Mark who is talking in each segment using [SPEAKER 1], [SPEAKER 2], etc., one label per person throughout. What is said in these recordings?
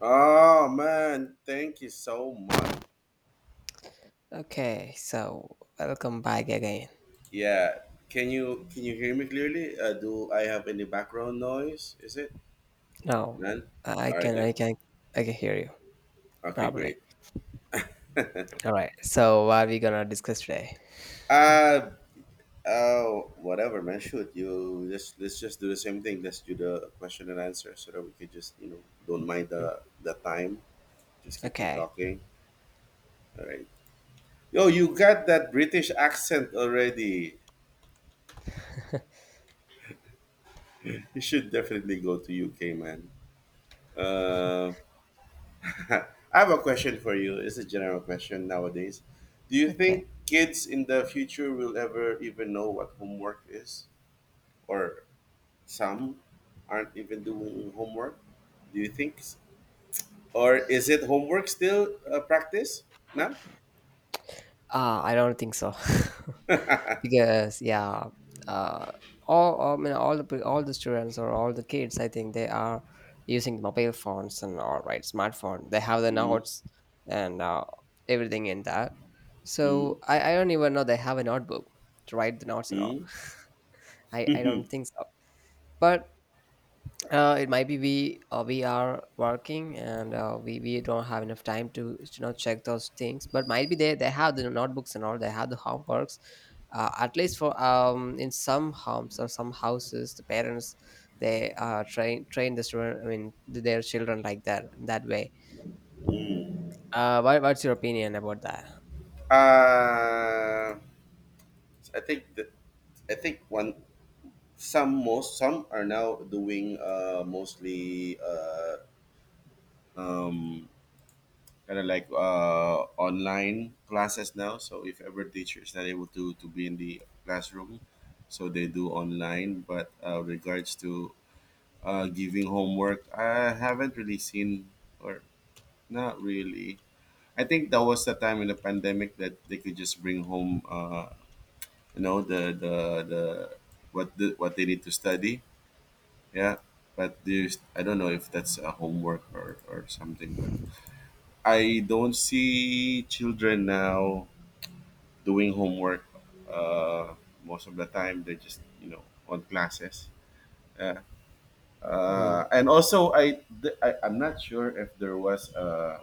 [SPEAKER 1] Oh man, thank you so much.
[SPEAKER 2] Okay, so welcome back again.
[SPEAKER 1] Yeah, can you hear me clearly? Do I have any background noise? Is it
[SPEAKER 2] Now
[SPEAKER 1] none?
[SPEAKER 2] I
[SPEAKER 1] All right
[SPEAKER 2] can
[SPEAKER 1] then.
[SPEAKER 2] I can I can hear you
[SPEAKER 1] Okay,
[SPEAKER 2] probably.
[SPEAKER 1] great.
[SPEAKER 2] All right. So what are we gonna discuss today?
[SPEAKER 1] uh oh, whatever, man. Shoot, you just let's just do the same thing. Let's do the question and answer so that we could just don't mind
[SPEAKER 2] Hmm,
[SPEAKER 1] the time. Just keep on
[SPEAKER 2] Okay.
[SPEAKER 1] talking. All right. Yo, you got that British accent already. You should definitely go to UK, man. Uh. I have a question for you. It's a general question nowadays. Do you
[SPEAKER 2] Okay.
[SPEAKER 1] think kids in the future will ever even know what homework is? Or some aren't even doing homework? Do you think? Or is it homework still practice? No?
[SPEAKER 2] I don't think so. because yeah, uh all- I mean all the pe- all the students or all the kids I think they are using mobile phones and all right smartphone. They have the
[SPEAKER 1] Mm,
[SPEAKER 2] notes and everything in that.
[SPEAKER 1] mm,
[SPEAKER 2] So I don't even know they have a notebook to write the notes and all.
[SPEAKER 1] mm.
[SPEAKER 2] I don't think so. But it might be we are working and we don't have enough time to check those things but might be they have the notebooks and all, they have the homeworks, at least for in some homes or some houses, the parents, they train the student I mean th- their children like that, that way. What's your opinion about that?
[SPEAKER 1] uh, I think that I think one some most some are now doing mostly um, kind of like online classes now. So if ever teacher is not able to be in the classroom, so they do online. But regards to giving homework, I haven't really seen or not really. I think that was the time in the pandemic that they could just bring home, you know, the the the what they need to study. Yeah, but there's I don't know if that's a homework or something, but I don't see children now doing homework, uh, most of the time they're just on classes, yeah.
[SPEAKER 2] Mhm.
[SPEAKER 1] And also I, th- I I'm not sure if there was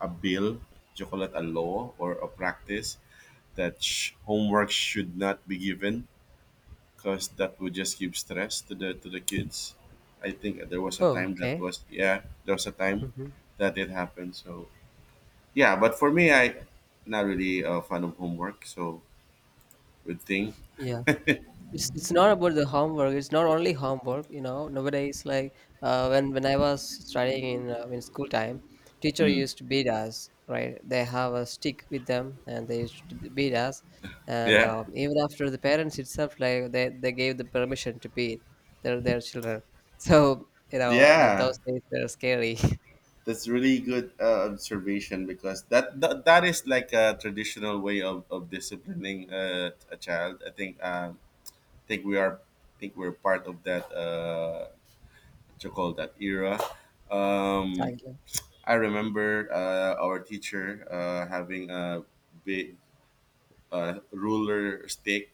[SPEAKER 1] a bill, chocolate, a law or a practice that homework should not be given because that would just give stress to the kids. I think there was a
[SPEAKER 2] Oh,
[SPEAKER 1] time that
[SPEAKER 2] okay.
[SPEAKER 1] was, yeah, there was a time
[SPEAKER 2] Hmm.
[SPEAKER 1] that it happened. So yeah, but for me, I not really a fan of homework, so good thing.
[SPEAKER 2] Yeah. It's not about the homework. It's not only homework. You know, nowadays, like when I was studying in school time, teacher
[SPEAKER 1] Mm,
[SPEAKER 2] used to beat us. Right, they have a stick with them, and they used to beat us. And
[SPEAKER 1] yeah.
[SPEAKER 2] even after the parents itself, like they gave the permission to beat their children. So you know, at
[SPEAKER 1] Yeah,
[SPEAKER 2] those days they're scary.
[SPEAKER 1] that's really good observation, because that is like a traditional way of disciplining a child. I think we are think we're part of that, what you call that, era. Um,
[SPEAKER 2] Exactly.
[SPEAKER 1] I remember our teacher having a big, ruler stick.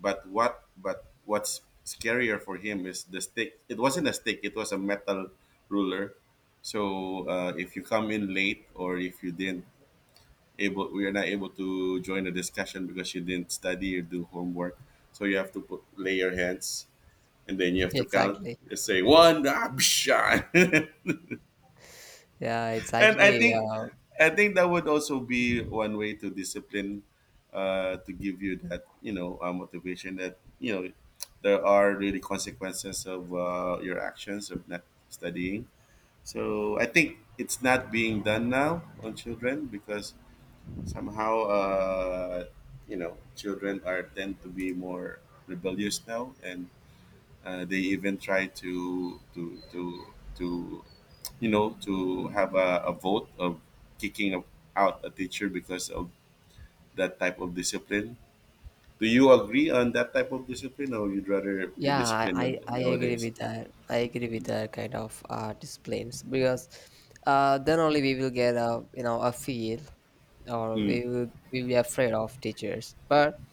[SPEAKER 1] But what's scarier for him is the stick. It wasn't a stick. It was a metal ruler. So if you come in late, or if you didn't able, we are not able to join the discussion because you didn't study or do homework. So you have to put, lay your hands and then you have to count.
[SPEAKER 2] Exactly.
[SPEAKER 1] Just say one, ah, psha.
[SPEAKER 2] Yeah, it's
[SPEAKER 1] And I
[SPEAKER 2] actually
[SPEAKER 1] think that would also be one way to discipline, to give you that, you know, motivation, that you know there are really consequences of your actions of not studying. So I think it's not being done now on children because somehow, you know, children are tend to be more rebellious now, and they even try to you know, to have a vote of kicking out a teacher because of that type of discipline. Do you agree on that type of discipline, or you'd rather be
[SPEAKER 2] Yeah, I, I
[SPEAKER 1] disciplined
[SPEAKER 2] I agree
[SPEAKER 1] nowadays?
[SPEAKER 2] with that. I agree with
[SPEAKER 1] Mm.
[SPEAKER 2] that kind of disciplines because then only we will get a a feel, or
[SPEAKER 1] Mm.
[SPEAKER 2] we will be afraid of teachers. But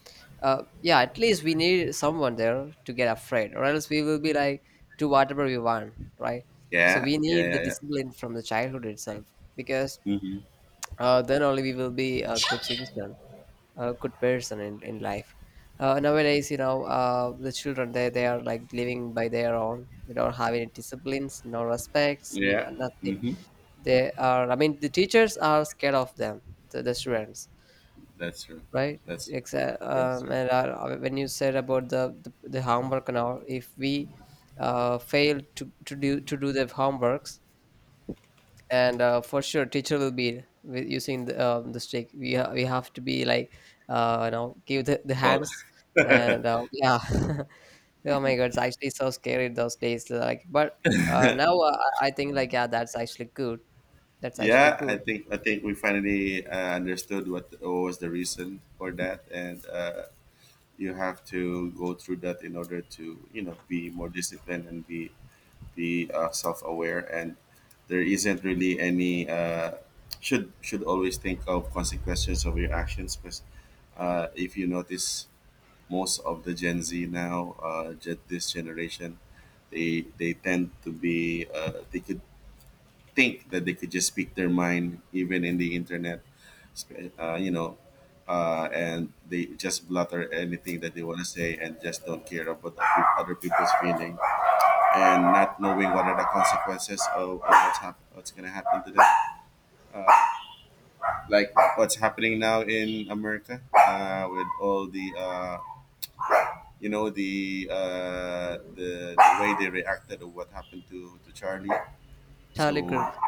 [SPEAKER 2] yeah, at least we need someone there to get afraid, or else we will be like do whatever we want, right? So
[SPEAKER 1] Yeah,
[SPEAKER 2] we
[SPEAKER 1] yeah,
[SPEAKER 2] need the
[SPEAKER 1] yeah, yeah.
[SPEAKER 2] discipline from the childhood itself because
[SPEAKER 1] Mm-hmm.
[SPEAKER 2] then only we will be a good citizen, a good person in life. Nowadays, the children, they are like living by their own, they don't have any disciplines, no respects,
[SPEAKER 1] Yeah,
[SPEAKER 2] nothing.
[SPEAKER 1] mm-hmm.
[SPEAKER 2] They are, I mean, the teachers are scared of them, the students,
[SPEAKER 1] That's true.
[SPEAKER 2] right?
[SPEAKER 1] That's
[SPEAKER 2] Exactly.
[SPEAKER 1] that's true.
[SPEAKER 2] And When you said about the homework and all, if we fail to, to do the homeworks, and for sure teacher will be with using the stick. We have to be like you know give the
[SPEAKER 1] Well,
[SPEAKER 2] hands and yeah. Oh my god, it's actually so scary those days, like, but now I think like, yeah, that's actually good. That's actually
[SPEAKER 1] yeah, I
[SPEAKER 2] good.
[SPEAKER 1] think we finally understood what was the reason for that, and you have to go through that in order to, you know, be more disciplined and be self-aware, and there isn't really any, should always think of consequences of your actions. Because if you notice, most of the Gen Z now, this generation, they tend to be, they could think that they could just speak their mind even in the internet, you know, and they just blutter anything that they want to say and just don't care about the other people's feelings, and not knowing what are the consequences of what's gonna happen to them. Like what's happening now in America, with all the, the way they reacted to what happened to Charlie.
[SPEAKER 2] Charlie
[SPEAKER 1] So
[SPEAKER 2] Kirk.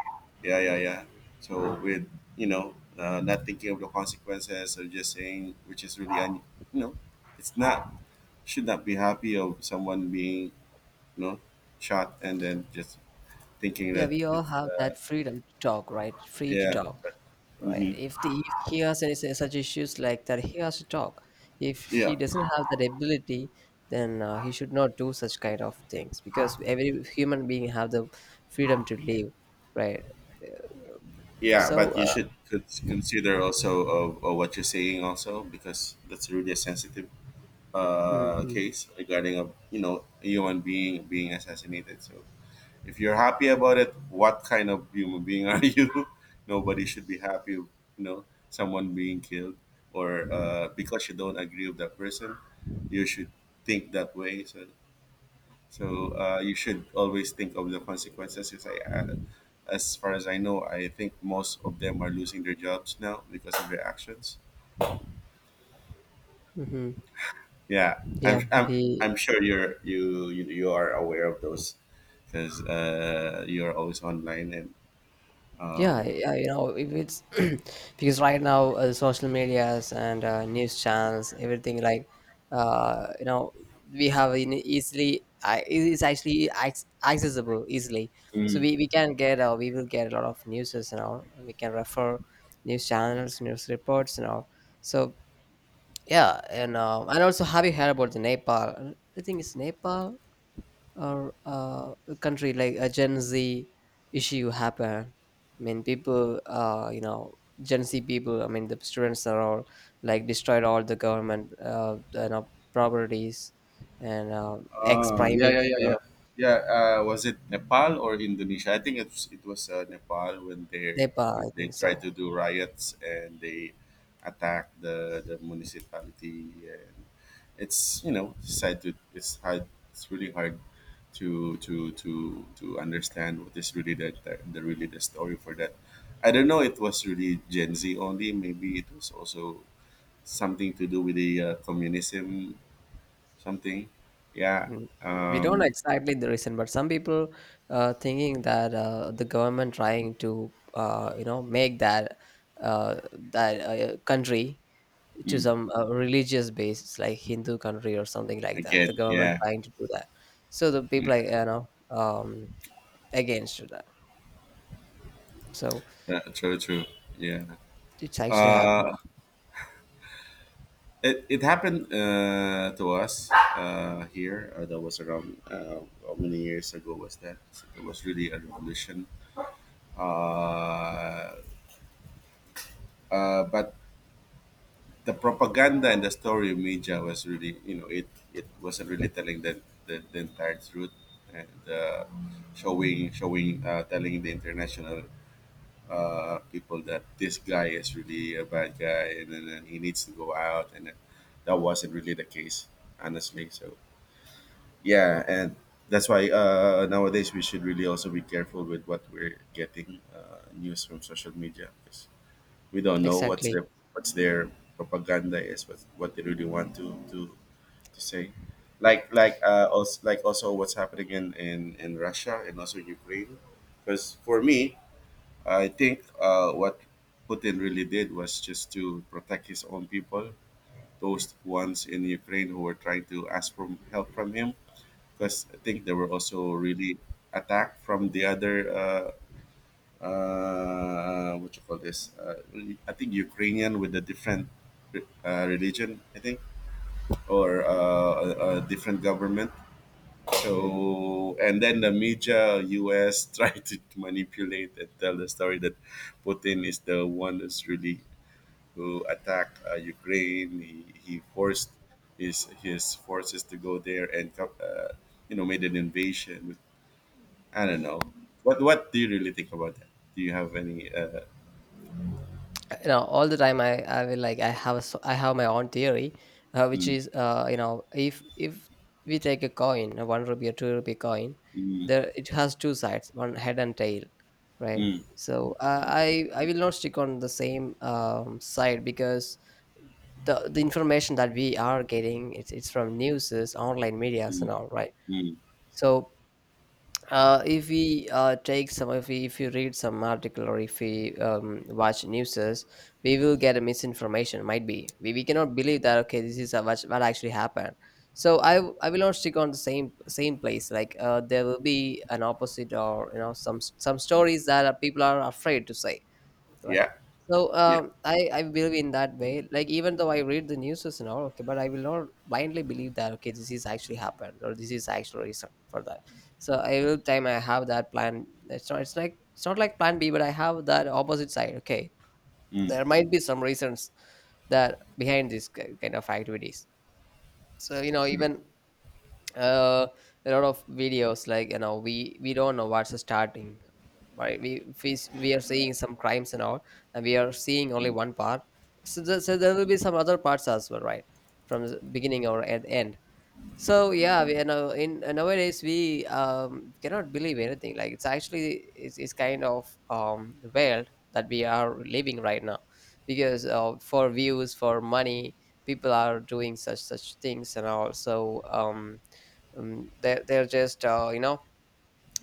[SPEAKER 1] yeah, yeah, yeah. So with, you know, not thinking of the consequences of just saying, which is really you know, it's not, should not be happy of someone being, you know, shot, and then just thinking
[SPEAKER 2] Yeah,
[SPEAKER 1] that
[SPEAKER 2] we all
[SPEAKER 1] it's,
[SPEAKER 2] have that freedom to talk, right? Free to
[SPEAKER 1] yeah.
[SPEAKER 2] talk. Right.
[SPEAKER 1] Hmm.
[SPEAKER 2] If the if he has any such issues like that, he has to talk. If he
[SPEAKER 1] Yeah,
[SPEAKER 2] doesn't have that ability, then he should not do such kind of things, because every human being have the freedom to live, right? Uh,
[SPEAKER 1] yeah,
[SPEAKER 2] So,
[SPEAKER 1] but you
[SPEAKER 2] uh,
[SPEAKER 1] should consider also, what you're saying also, because that's really a really sensitive
[SPEAKER 2] hmm.
[SPEAKER 1] case regarding, a you know, a human being being assassinated. So if you're happy about it, what kind of human being are you? Nobody should be happy, you know, someone being killed or, because you don't agree with that person, you should think that way. So, so, you should always think of the consequences. As far as I know, I think most of them are losing their jobs now because of their actions.
[SPEAKER 2] Hmm.
[SPEAKER 1] Yeah,
[SPEAKER 2] Yeah, we.
[SPEAKER 1] I'm sure you are aware of those because you're always online and,
[SPEAKER 2] Yeah,
[SPEAKER 1] um,
[SPEAKER 2] yeah, you know, if it's because right now social medias and news channels, everything, like, uh, you know, we have in easily, it is actually accessible easily. So
[SPEAKER 1] Mm.
[SPEAKER 2] we can get, we will get a lot of news and all. And we can refer news channels, news reports and all. So yeah, and also, have you heard about the Nepal? I think it's Nepal or a country, like a Gen Z issue happen. I mean, people, Gen Z people. I mean, the students are all like destroyed all the government, properties, and ex
[SPEAKER 1] Ah,
[SPEAKER 2] prime
[SPEAKER 1] yeah, yeah, yeah,
[SPEAKER 2] minister.
[SPEAKER 1] yeah. Yeah, was it Nepal or Indonesia? I think it was, Nepal,
[SPEAKER 2] Nepal. I
[SPEAKER 1] when they
[SPEAKER 2] think
[SPEAKER 1] tried
[SPEAKER 2] so.
[SPEAKER 1] to do riots and they attacked the municipality, and it's, you know, it's really hard to understand what is really the really the story for that. I don't know. It was really Gen Z only. Maybe it was also something to do with the communism, something, yeah.
[SPEAKER 2] Mm. We don't know
[SPEAKER 1] Um,
[SPEAKER 2] exactly the reason, but some people thinking that the government trying to, make that uh, that country to
[SPEAKER 1] mm,
[SPEAKER 2] some religious base, like Hindu country or something like that, the
[SPEAKER 1] again,
[SPEAKER 2] government
[SPEAKER 1] yeah.
[SPEAKER 2] trying to do that. So the people like against to that. So
[SPEAKER 1] Yeah, true, true, yeah.
[SPEAKER 2] it's actually happened.
[SPEAKER 1] uh it, it happened to us here, that was around, how many years ago was that? It was really a revolution. uh but the propaganda and the story of media was really, you know, it wasn't really telling the entire truth, and showing showing telling the international people that this guy is really a bad guy and then and he needs to go out, and then that wasn't really the case, honestly. So yeah, and that's why nowadays we should really also be careful with what we're getting news from social media, 'cause we don't know
[SPEAKER 2] Exactly.
[SPEAKER 1] what's their propaganda is, what they really want to say. Like, also, like, also what's happening in Russia and also Ukraine. Because for me, I think what Putin really did was just to protect his own people, those ones in Ukraine who were trying to ask for help from him, because I think they were also really attacked from the other, what you call this? I think Ukrainian with a different religion, I think, or a different government. So, and then the media US tried to manipulate and tell the story that Putin is the one that's really who attacked, Ukraine. He forced his forces to go there and you know, made an invasion. I don't know. What do you really think about that? Do you have any?
[SPEAKER 2] You know, all the time I will like I have I have my own theory, which
[SPEAKER 1] Mm,
[SPEAKER 2] is if if we take a coin, a 1 rupee or 2 rupee coin,
[SPEAKER 1] mm,
[SPEAKER 2] there it has two sides, one head and tail, right?
[SPEAKER 1] mm,
[SPEAKER 2] So uh, i I will not stick on the same side, because the information that we are getting, it's from newses, online medias and
[SPEAKER 1] mm,
[SPEAKER 2] all, right?
[SPEAKER 1] mm.
[SPEAKER 2] So if we take some, if we, if you read some article, or if we watch newses, we will get a misinformation. Might be we cannot believe that, okay, this is what actually happened. So I will not stick on the same place, like, there will be an opposite, or you know, some stories that people are afraid to say. Right.
[SPEAKER 1] Yeah,
[SPEAKER 2] So
[SPEAKER 1] yeah,
[SPEAKER 2] I believe in that way. Like, even though I read the news and all, okay, but I will not blindly believe that, okay, this is actually happened or this is actual reason for that. So I will time I have that plan. It's not, it's like, it's not like plan B, but I have that opposite side. Okay,
[SPEAKER 1] mm,
[SPEAKER 2] there might be some reasons that behind this kind of activities. So you know,
[SPEAKER 1] true.
[SPEAKER 2] even uh, a lot of videos, like, you know, we don't know what's starting, right? We are seeing some crimes and all, and we are seeing only one part. So, the, so there will be some other parts as well, right? From the beginning or at the end. So yeah, we, you know, in nowadays, we cannot believe anything. Like, it's actually, it's kind of the world that we are living right now, because for views, for money, people are doing such things and all. So they're just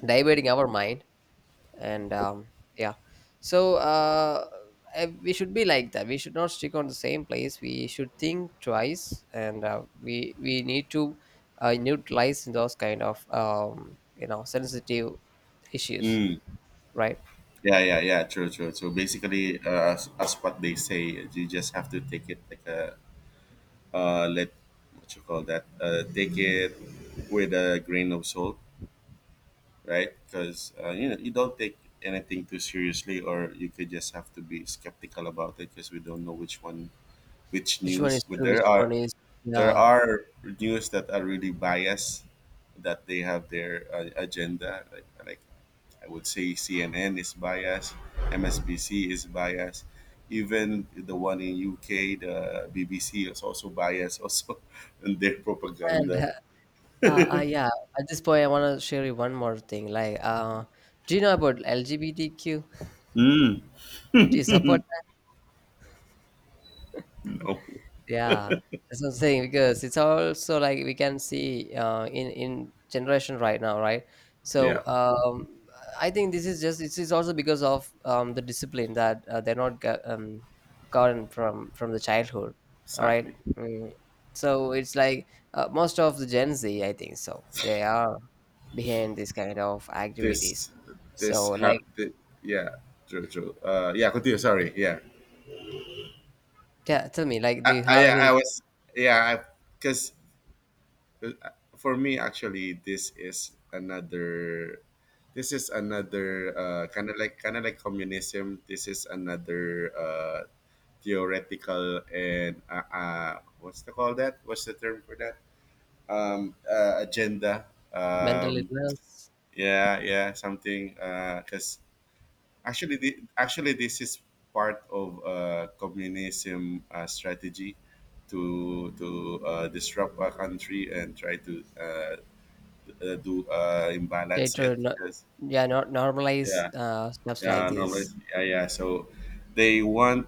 [SPEAKER 2] diverting our mind and yeah. So we should be like that, we should not stick on the same place, we should think twice, and we need to neutralize those kind of sensitive issues, right?
[SPEAKER 1] Yeah, yeah, yeah, true, true. So basically, as what they say, you just have to take it like a, let what you call that take it with a grain of salt, right? Because, you know, you don't take anything too seriously, or you could just have to be skeptical about it, because we don't know which one, which
[SPEAKER 2] Which one
[SPEAKER 1] news.
[SPEAKER 2] is
[SPEAKER 1] But
[SPEAKER 2] true,
[SPEAKER 1] there
[SPEAKER 2] which
[SPEAKER 1] are,
[SPEAKER 2] one is.
[SPEAKER 1] there
[SPEAKER 2] Yeah.
[SPEAKER 1] are news that are really biased, that they have their agenda, like I would say CNN is biased, MSBC is biased, even the one in UK, the BBC is also biased also in their
[SPEAKER 2] And
[SPEAKER 1] propaganda.
[SPEAKER 2] yeah, at this point I want to share you one more thing, like, do you know about LGBTQ? Do you support?
[SPEAKER 1] No,
[SPEAKER 2] Yeah, that's what I'm saying, because it's also like we can see in generation right now, right? So
[SPEAKER 1] yeah,
[SPEAKER 2] I think this is just, it's also because of the discipline that they're not go- gotten from the childhood, all right?
[SPEAKER 1] exactly.
[SPEAKER 2] Mm. So it's like most of the Gen Z, I think so, they are behind this kind of activities.
[SPEAKER 1] This,
[SPEAKER 2] So
[SPEAKER 1] this
[SPEAKER 2] like,
[SPEAKER 1] have, thi- yeah, true, true. Yeah, continue. Sorry, yeah.
[SPEAKER 2] yeah, tell me, like, do
[SPEAKER 1] I,
[SPEAKER 2] you
[SPEAKER 1] I,
[SPEAKER 2] have
[SPEAKER 1] yeah,
[SPEAKER 2] any
[SPEAKER 1] I was, yeah, because Uh, for me actually this is another kind of like communism. This is another theoretical and what's the call that what's the term for that agenda.
[SPEAKER 2] mental
[SPEAKER 1] um,
[SPEAKER 2] illness?
[SPEAKER 1] yeah, something. Because actually this is part of communism strategy to disrupt a country and try to do
[SPEAKER 2] Try
[SPEAKER 1] imbalance it.
[SPEAKER 2] to, no,
[SPEAKER 1] 'Cause-
[SPEAKER 2] yeah, not normalize
[SPEAKER 1] yeah
[SPEAKER 2] stuffs like
[SPEAKER 1] yeah, normally
[SPEAKER 2] this.
[SPEAKER 1] yeah yeah so they want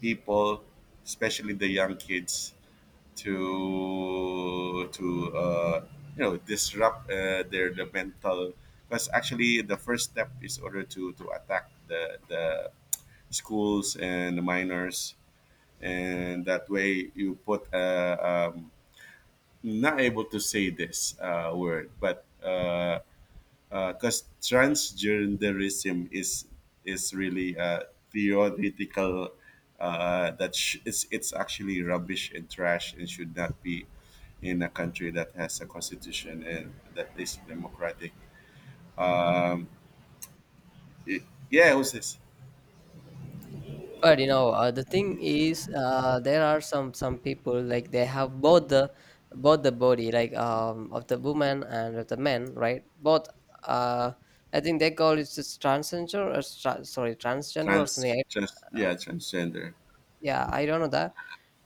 [SPEAKER 1] people, especially the young kids, to uh, disrupt their the mental. Because actually the first step is order to attack the schools and the minors. And that way you put not able to say this word, but because transgenderism is really theoretical. It's actually rubbish and trash and should not be in a country that has a constitution and that is democratic. Um, y- yeah, who's this?
[SPEAKER 2] But you know, the thing is, there are some people, like, they have both the body, like of the woman and of the men, right? Both. Uh i think they call it just transgender or stra- sorry transgender or something.
[SPEAKER 1] Yeah, transgender.
[SPEAKER 2] Yeah, I don't know that.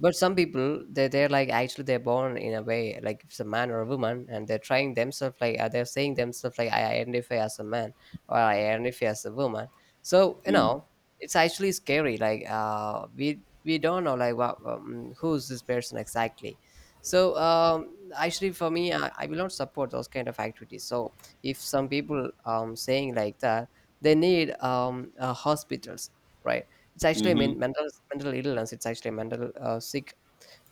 [SPEAKER 2] But some people, they they're like actually they're born in a way, like if it's a man or a woman, and they're trying themselves, like they're saying themselves like, I identify as a man or I identify as a woman. So you
[SPEAKER 1] Mm.
[SPEAKER 2] know, it's actually scary. Like, we don't know, like, what who's this person exactly. So actually for me, I will not support those kind of activities. So if some people saying like that, they need hospitals, right? It's actually a
[SPEAKER 1] Mm-hmm.
[SPEAKER 2] mental mental illness. It's actually mental sick.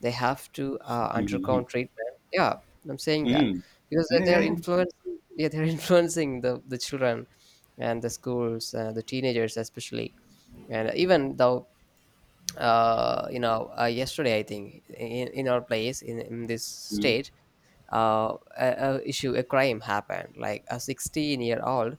[SPEAKER 2] They have to undergo
[SPEAKER 1] Mm-hmm.
[SPEAKER 2] treatment. Yeah, I'm saying that
[SPEAKER 1] Mm-hmm.
[SPEAKER 2] because
[SPEAKER 1] Yeah, yeah,
[SPEAKER 2] they're
[SPEAKER 1] yeah.
[SPEAKER 2] influencing. Yeah, they're influencing the children and the schools, the teenagers especially, and even though yesterday I think in our place in this state, a crime happened like a 16-year-old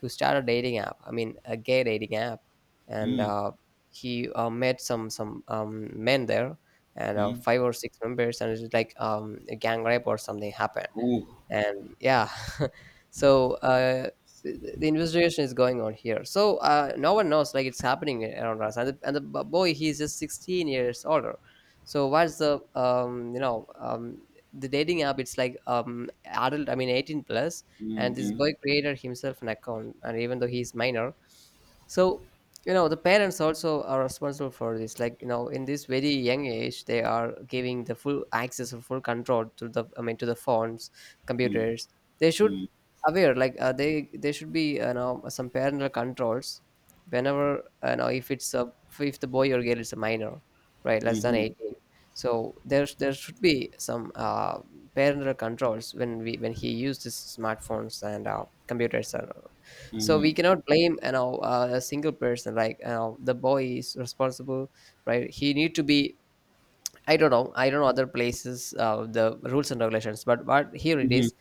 [SPEAKER 2] who started a dating app, a gay dating app, and
[SPEAKER 1] Mm-hmm.
[SPEAKER 2] he met some men there, and
[SPEAKER 1] Mm-hmm.
[SPEAKER 2] five or six members, and it's like a gang rape or something happened.
[SPEAKER 1] Oh.
[SPEAKER 2] And yeah. So uh, the investigation is going on here. So uh, no one knows, like it's happening around us. And boy, he's just 16 years older. So what's the the dating app, it's like adult, 18 plus, and this
[SPEAKER 1] Mm-hmm.
[SPEAKER 2] boy created himself an account and even though he's minor. So you know, the parents also are responsible for this. Like you know, in this very young age, they are giving the full access or full control to the, to the phone,
[SPEAKER 1] Mm-hmm.
[SPEAKER 2] computers. They should
[SPEAKER 1] Mm-hmm.
[SPEAKER 2] aware, like they should be, you know, some parental controls, whenever you know, if it's a, if the boy or girl is a minor, right, less than
[SPEAKER 1] Mm-hmm.
[SPEAKER 2] 18. So there should be some parental controls when we when he uses smartphones and computers and all. So we cannot blame, you know, a single person, like you know, the boy is responsible, right, he need to be. I don't know. I don't know other places, the rules and regulations, but here it is.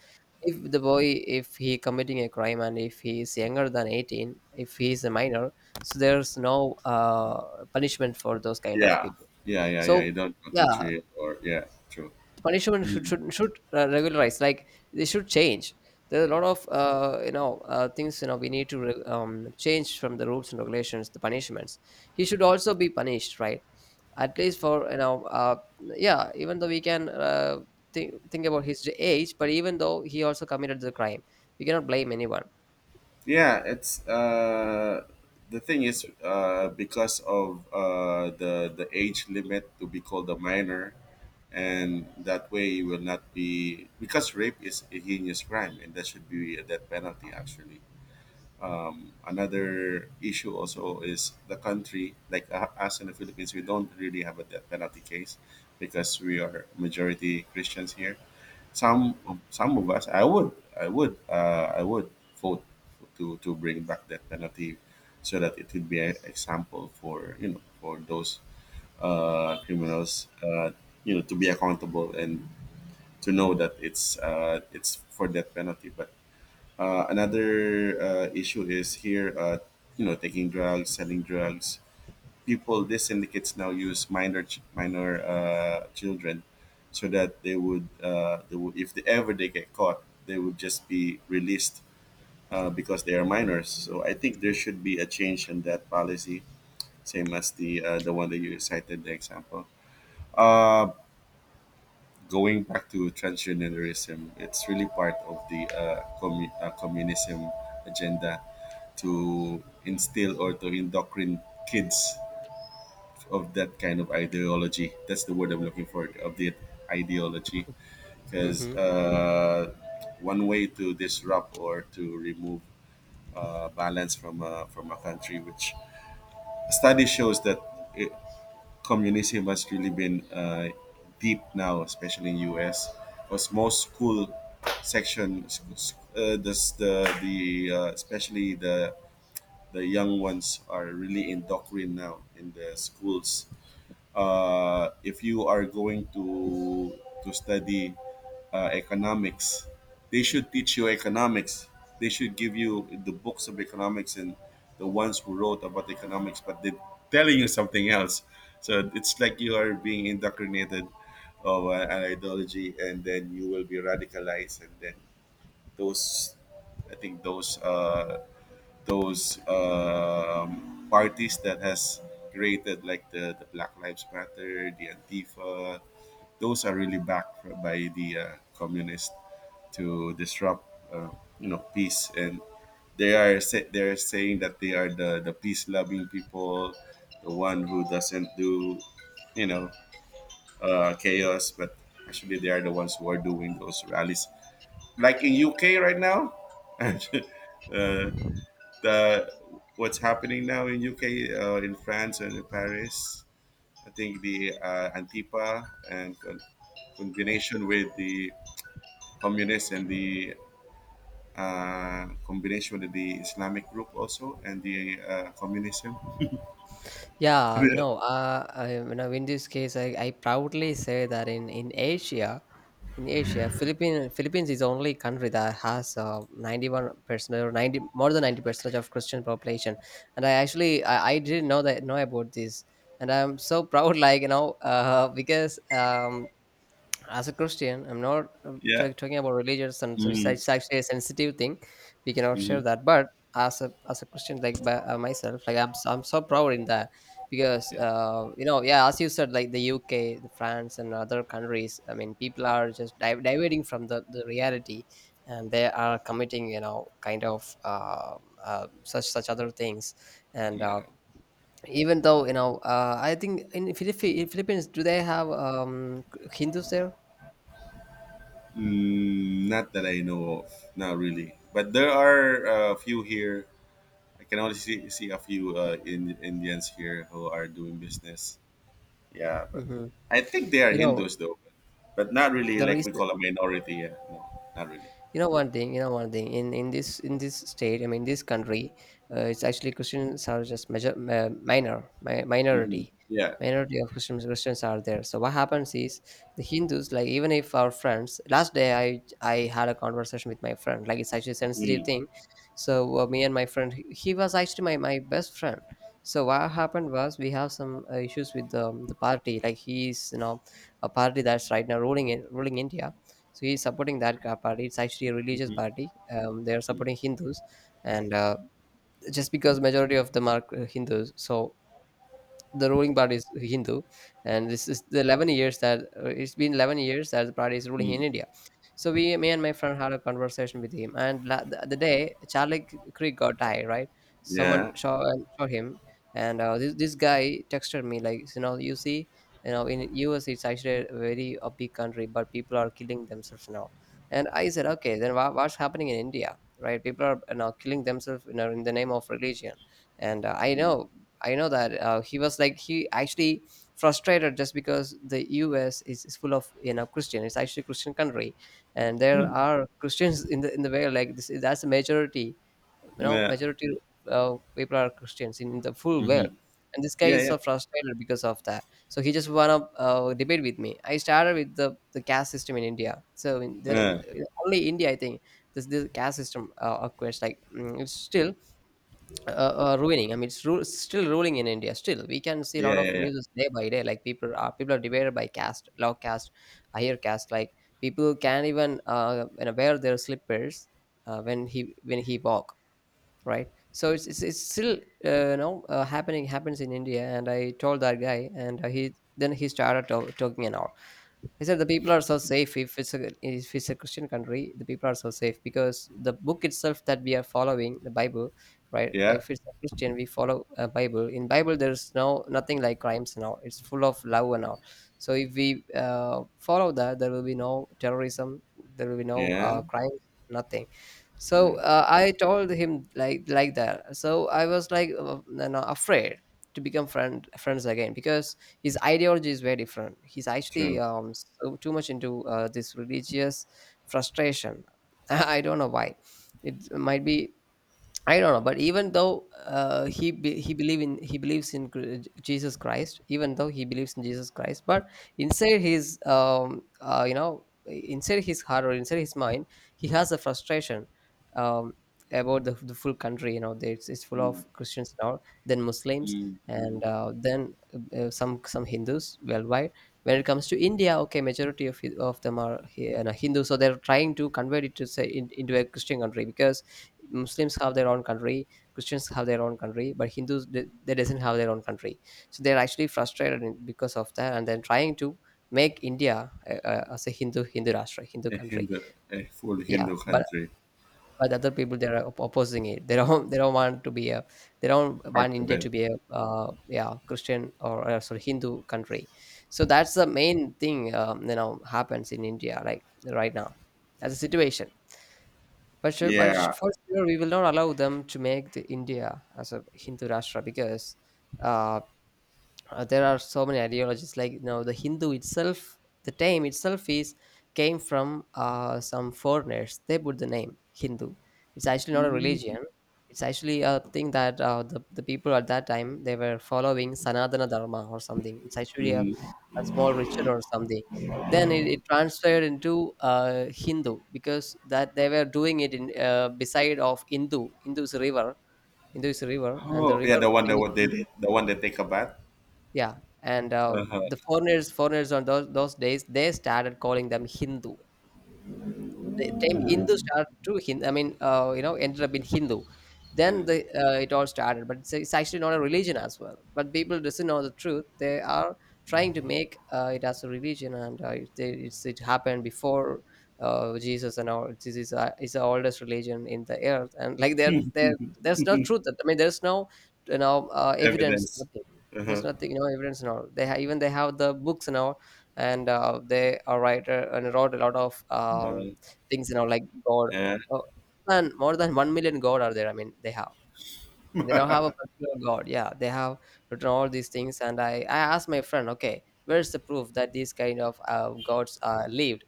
[SPEAKER 2] If the boy, if he committing a crime and if he is younger than 18, if he is a minor, so there's no punishment for those kind of
[SPEAKER 1] Yeah.
[SPEAKER 2] people.
[SPEAKER 1] Yeah, yeah, yeah.
[SPEAKER 2] So
[SPEAKER 1] You don't go to
[SPEAKER 2] yeah,
[SPEAKER 1] tree, or yeah, true.
[SPEAKER 2] the punishment should
[SPEAKER 1] Mm.
[SPEAKER 2] should, should uh, regularize. Like they should change. There are a lot of things, you know, we need to change from the rules and regulations, the punishments. He should also be punished, right? At least for, you know, yeah, even though we can think about his age, but even though he also committed the crime, we cannot blame anyone.
[SPEAKER 1] Yeah, it's the thing is, because of the age limit to be called a minor. And that way you will not be, because rape is a heinous crime and that should be a death penalty actually. Another issue also is the country, like us in the Philippines, we don't really have a death penalty case, because we are majority Christians here. Some of us, I would vote to bring back that penalty, so that it would be an example for, you know, for those criminals, you know, to be accountable and to know that it's for that penalty. But another issue is here, you know, taking drugs, selling drugs, people, these syndicates now use minor children, so that they would, they would, if they ever they get caught, they would just be released, because they are minors. So I think there should be a change in that policy, same as the one that you cited the example. uh, Going back to transgenderism, it's really part of the communism agenda to instill or to indoctrinate kids of that kind of ideology. That's the word I'm looking for, of the ideology. Because
[SPEAKER 2] Hmm.
[SPEAKER 1] one way to disrupt or to remove balance from from a country, which study shows that it, communism has really been deep now, especially in U.S. Because most school section, the especially the young ones are really indoctrinated now in the schools. If you are going to study economics, they should teach you economics. They should give you the books of economics and the ones who wrote about economics, but they're telling you something else. So it's like you are being indoctrinated of an ideology, and then you will be radicalized. And then those, I think those parties that has created, like the Black Lives Matter, the Antifa. Those are really backed by the communists to disrupt, uh, peace. And they they are saying that they are the peace loving people, the one who doesn't do, you know, chaos. But actually, they are the ones who are doing those rallies. Like in UK right now, uh, the what's happening now in UK, in France, and in Paris. I think the Antifa and combination with the communists and the combination with the Islamic group also and the communism.
[SPEAKER 2] Yeah, you know, you know, in this case, I proudly say that in Asia, in Asia, Philippines is the only country that has 91 percent, or 90, more than 90 percent of Christian population. And I didn't know that, know about this, and I'm so proud, like you know, because as a Christian, I'm not
[SPEAKER 1] Yeah.
[SPEAKER 2] talking about religious and so, it's
[SPEAKER 1] Mm.
[SPEAKER 2] actually a sensitive thing. We cannot share
[SPEAKER 1] Hmm.
[SPEAKER 2] that. But as a Christian, like by, myself, like I'm so proud in that, because
[SPEAKER 1] Yeah.
[SPEAKER 2] you know, yeah, as you said, like the UK, the France, and other countries. I mean, people are just diverting from the reality, and they are committing, you know, kind of such other things, and
[SPEAKER 1] Yeah.
[SPEAKER 2] even though, you know, I think in Philippines, do they have Hindus there?
[SPEAKER 1] Mm, not that I know of, not really. But there are a few here. I can only see, a few Indians here who are doing business. Yeah, but
[SPEAKER 2] Mhm.
[SPEAKER 1] I think they are
[SPEAKER 2] You know,
[SPEAKER 1] Hindus though, but not really
[SPEAKER 2] the
[SPEAKER 1] like we
[SPEAKER 2] reason,
[SPEAKER 1] call a minority. Yeah, no, not really.
[SPEAKER 2] you know, one thing, you know, one thing in this state, this country, it's actually Christians are just
[SPEAKER 1] Hmm.
[SPEAKER 2] minority,
[SPEAKER 1] Yeah.
[SPEAKER 2] minority of christians Christians are there. So what happens is, the Hindus, like, even if our friends, last day, I had a conversation with my friend. Like, it's actually a sensitive
[SPEAKER 1] Mm.
[SPEAKER 2] thing. So me and my friend, he was actually my best friend. So what happened was, we have some issues with the party, like he's, you know, a party that's right now ruling India. So he's supporting that party. It's actually a religious
[SPEAKER 1] Mhm.
[SPEAKER 2] party. They are
[SPEAKER 1] Mm.
[SPEAKER 2] supporting Hindus, and just because majority of them are Hindus, so the ruling party is Hindu, and this is the 11 years that it's been 11 years that the party is ruling in
[SPEAKER 1] Mm.
[SPEAKER 2] India. So we, me and my friend, had a conversation with him, and the day Charlie Creek got died, right? Someone
[SPEAKER 1] Yeah.
[SPEAKER 2] saw saw him, and this guy texted me, like, you know, you see, you know, in US, it's actually a very, a big country, but people are killing themselves now. And I said, okay, then what's happening in India, right? People are, you know, killing themselves, you know, in the name of religion. And
[SPEAKER 1] Mm.
[SPEAKER 2] I know that he was like, he actually frustrated just because the U.S. Is full of, you know, Christian. It's actually a Christian country, and there
[SPEAKER 1] Hmm.
[SPEAKER 2] are Christians in the world. Like this, that's a majority. You know,
[SPEAKER 1] Yeah.
[SPEAKER 2] majority people are Christians in the full world,
[SPEAKER 1] Hmm.
[SPEAKER 2] and this guy
[SPEAKER 1] Yeah.
[SPEAKER 2] is
[SPEAKER 1] Yeah.
[SPEAKER 2] so frustrated because of that. So he just wanna debate with me. I started with the caste system in India. So in
[SPEAKER 1] Uh,
[SPEAKER 2] only India, I think, this caste system occurs, like mm, it's still ruining. I mean, it's still ruling in India. Still, we can see a lot
[SPEAKER 1] yeah.
[SPEAKER 2] of
[SPEAKER 1] Yeah.
[SPEAKER 2] news day by day. Like, people are divided by caste, low caste, higher caste. Like, people can't even you know, wear their slippers when he walk. Right. So it's still happening happens in India. And I told that guy, and he started talking and all. He said the people are so safe, if it's a Christian country, the people are so safe, because the book itself that we are following, the Bible, right?
[SPEAKER 1] Yeah. Yeah.
[SPEAKER 2] If it's a Christian, we follow a Bible. In Bible, there's nothing like crimes and all. It's full of love and all. So if we follow that, there will be no terrorism, there will be no
[SPEAKER 1] Yeah.
[SPEAKER 2] crimes, nothing.
[SPEAKER 1] Uh,
[SPEAKER 2] So I told him like that. So I was like, you know, afraid to become friends again, because his ideology is very different. He's actually
[SPEAKER 1] true.
[SPEAKER 2] so too much into this religious frustration. I don't know why. It might be, I don't know, but even though he believes in Jesus Christ, even though he believes in Jesus Christ, but inside his you know, inside his heart or inside his mind, he has a frustration um about the full country. You know, that it's full
[SPEAKER 1] Mm.
[SPEAKER 2] of Christians now, then Muslims,
[SPEAKER 1] Mm.
[SPEAKER 2] and
[SPEAKER 1] Mm.
[SPEAKER 2] then some Hindus worldwide. When it comes to India, okay, majority of them are you Hindu, so they're trying to convert it to say in, into a Christian country, because Muslims have their own country, Christians have their own country, but Hindus, they doesn't have their own country. So they're actually frustrated because of that, and then trying to make India as a Hindu Rashtra, Hindu
[SPEAKER 1] A
[SPEAKER 2] country.
[SPEAKER 1] Hindu, a full
[SPEAKER 2] Yeah,
[SPEAKER 1] Hindu
[SPEAKER 2] but
[SPEAKER 1] country,
[SPEAKER 2] other people, they are opposing it. They don't want to be a, they don't
[SPEAKER 1] part
[SPEAKER 2] want
[SPEAKER 1] of
[SPEAKER 2] India to
[SPEAKER 1] it.
[SPEAKER 2] be a Christian, or sorry, Hindu country. So that's the main thing, you know, happens in India, like right now. That's the situation. But sure, but
[SPEAKER 1] Yeah.
[SPEAKER 2] for sure, we will not allow them to make the India as a Hindu Rashtra, because uh, there are so many ideologies, like, you know, the Hindu itself, the name itself is came from some foreigners. They put the name Hindu. It's actually not a
[SPEAKER 1] Mm.
[SPEAKER 2] religion. It's actually a thing that the people at that time, they were following Sanatana Dharma or something. It's actually
[SPEAKER 1] Mhm.
[SPEAKER 2] a small ritual or something. Then it transferred into Hindu, because that they were doing it in beside of Hindu. Hindu is a river, and the
[SPEAKER 1] Oh, yeah.
[SPEAKER 2] river
[SPEAKER 1] The one
[SPEAKER 2] name
[SPEAKER 1] that
[SPEAKER 2] is
[SPEAKER 1] what they
[SPEAKER 2] Hindu.
[SPEAKER 1] did, the one that take a bath.
[SPEAKER 2] Yeah, and
[SPEAKER 1] Uh-huh.
[SPEAKER 2] the foreigners, on those days, they started calling them Hindu. The time Hindus started to Hindu, I mean, you know, ended up in Hindu. Then
[SPEAKER 1] Uh,
[SPEAKER 2] the it all started. But it's actually not a religion as well. But people doesn't know the truth. They are trying to make it as a religion, and it happened before Jesus and all. This is the oldest religion in the earth, and like there's no truth. I mean, there's no, you know, evidence.
[SPEAKER 1] evidence.
[SPEAKER 2] Nothing. There's
[SPEAKER 1] Uh-huh.
[SPEAKER 2] nothing, you know, evidence and all. They even they have the books and all, and they are writer and wrote a lot of
[SPEAKER 1] Uh,
[SPEAKER 2] things, you know, like God.
[SPEAKER 1] yeah.
[SPEAKER 2] Oh, and more than 1 million God are there. I mean, they have. They don't have a particular God. Yeah, they have written all these things. And I asked my friend, okay, where's the proof that these kind of gods lived?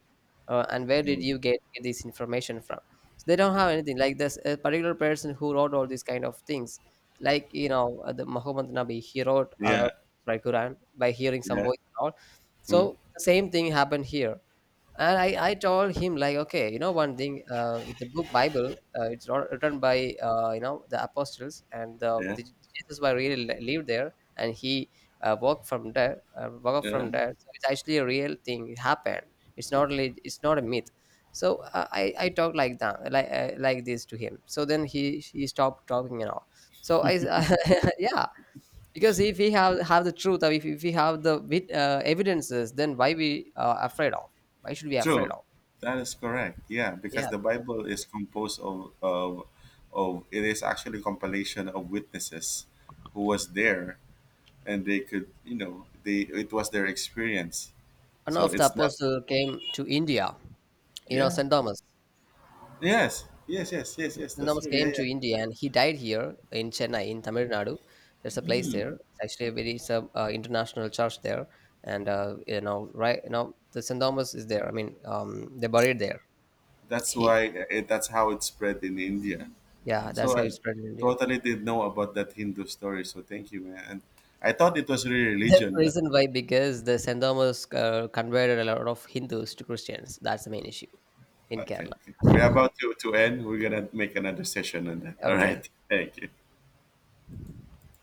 [SPEAKER 2] And where did
[SPEAKER 1] Mm.
[SPEAKER 2] you get this information from? So they don't have anything. Like this a particular person who wrote all these kind of things. Like, you know, the Muhammad Nabi, he wrote
[SPEAKER 1] Yeah.
[SPEAKER 2] right Quran by hearing some
[SPEAKER 1] Yeah.
[SPEAKER 2] voice and all.
[SPEAKER 1] Mm.
[SPEAKER 2] So the same thing happened here, and I told him, like, okay, you know, one thing, the book Bible, it's written by you know, the apostles, and
[SPEAKER 1] Yeah.
[SPEAKER 2] the Jesus was really lived there, and he walked up
[SPEAKER 1] Yeah.
[SPEAKER 2] from there. So it's actually a real thing, it happened. It's not really it's not a myth. So I talked like that, like this to him. So then he stopped talking and all. So yeah. Because if we have the truth, or if we have the evidences, then why we afraid of, why should we afraid
[SPEAKER 1] True.
[SPEAKER 2] of?
[SPEAKER 1] That is correct. Yeah, because
[SPEAKER 2] Yeah.
[SPEAKER 1] the Bible is composed of it is actually compilation of witnesses who was there, and they could, you know, they it was their experience.
[SPEAKER 2] One
[SPEAKER 1] So
[SPEAKER 2] of the
[SPEAKER 1] it's not,
[SPEAKER 2] apostle came to India. You know,
[SPEAKER 1] yeah.
[SPEAKER 2] St. Thomas.
[SPEAKER 1] Yes. Yes, yes, yes, yes,
[SPEAKER 2] St.
[SPEAKER 1] that's
[SPEAKER 2] Thomas
[SPEAKER 1] true. Yeah,
[SPEAKER 2] came to
[SPEAKER 1] yeah.
[SPEAKER 2] India, and he died here in Chennai, in Tamil Nadu. There's a place there. It's actually a very, it's international church there. And you know, right, you know, the St. Thomas is there, I mean, they buried there.
[SPEAKER 1] That's
[SPEAKER 2] He
[SPEAKER 1] why it, that's how it spread in India.
[SPEAKER 2] Yeah, that's
[SPEAKER 1] So
[SPEAKER 2] how he
[SPEAKER 1] I
[SPEAKER 2] spread in India.
[SPEAKER 1] totally didn't know about that Hindu story. So thank you, man. And I thought it was really
[SPEAKER 2] The
[SPEAKER 1] religion, but
[SPEAKER 2] reason why, because the Saint Thomas converted a lot of Hindus to Christians. That's the main issue in
[SPEAKER 1] okay,
[SPEAKER 2] Kerala.
[SPEAKER 1] okay. We're about to, end. We're gonna make another session on that. All
[SPEAKER 2] Okay.
[SPEAKER 1] right. Thank you.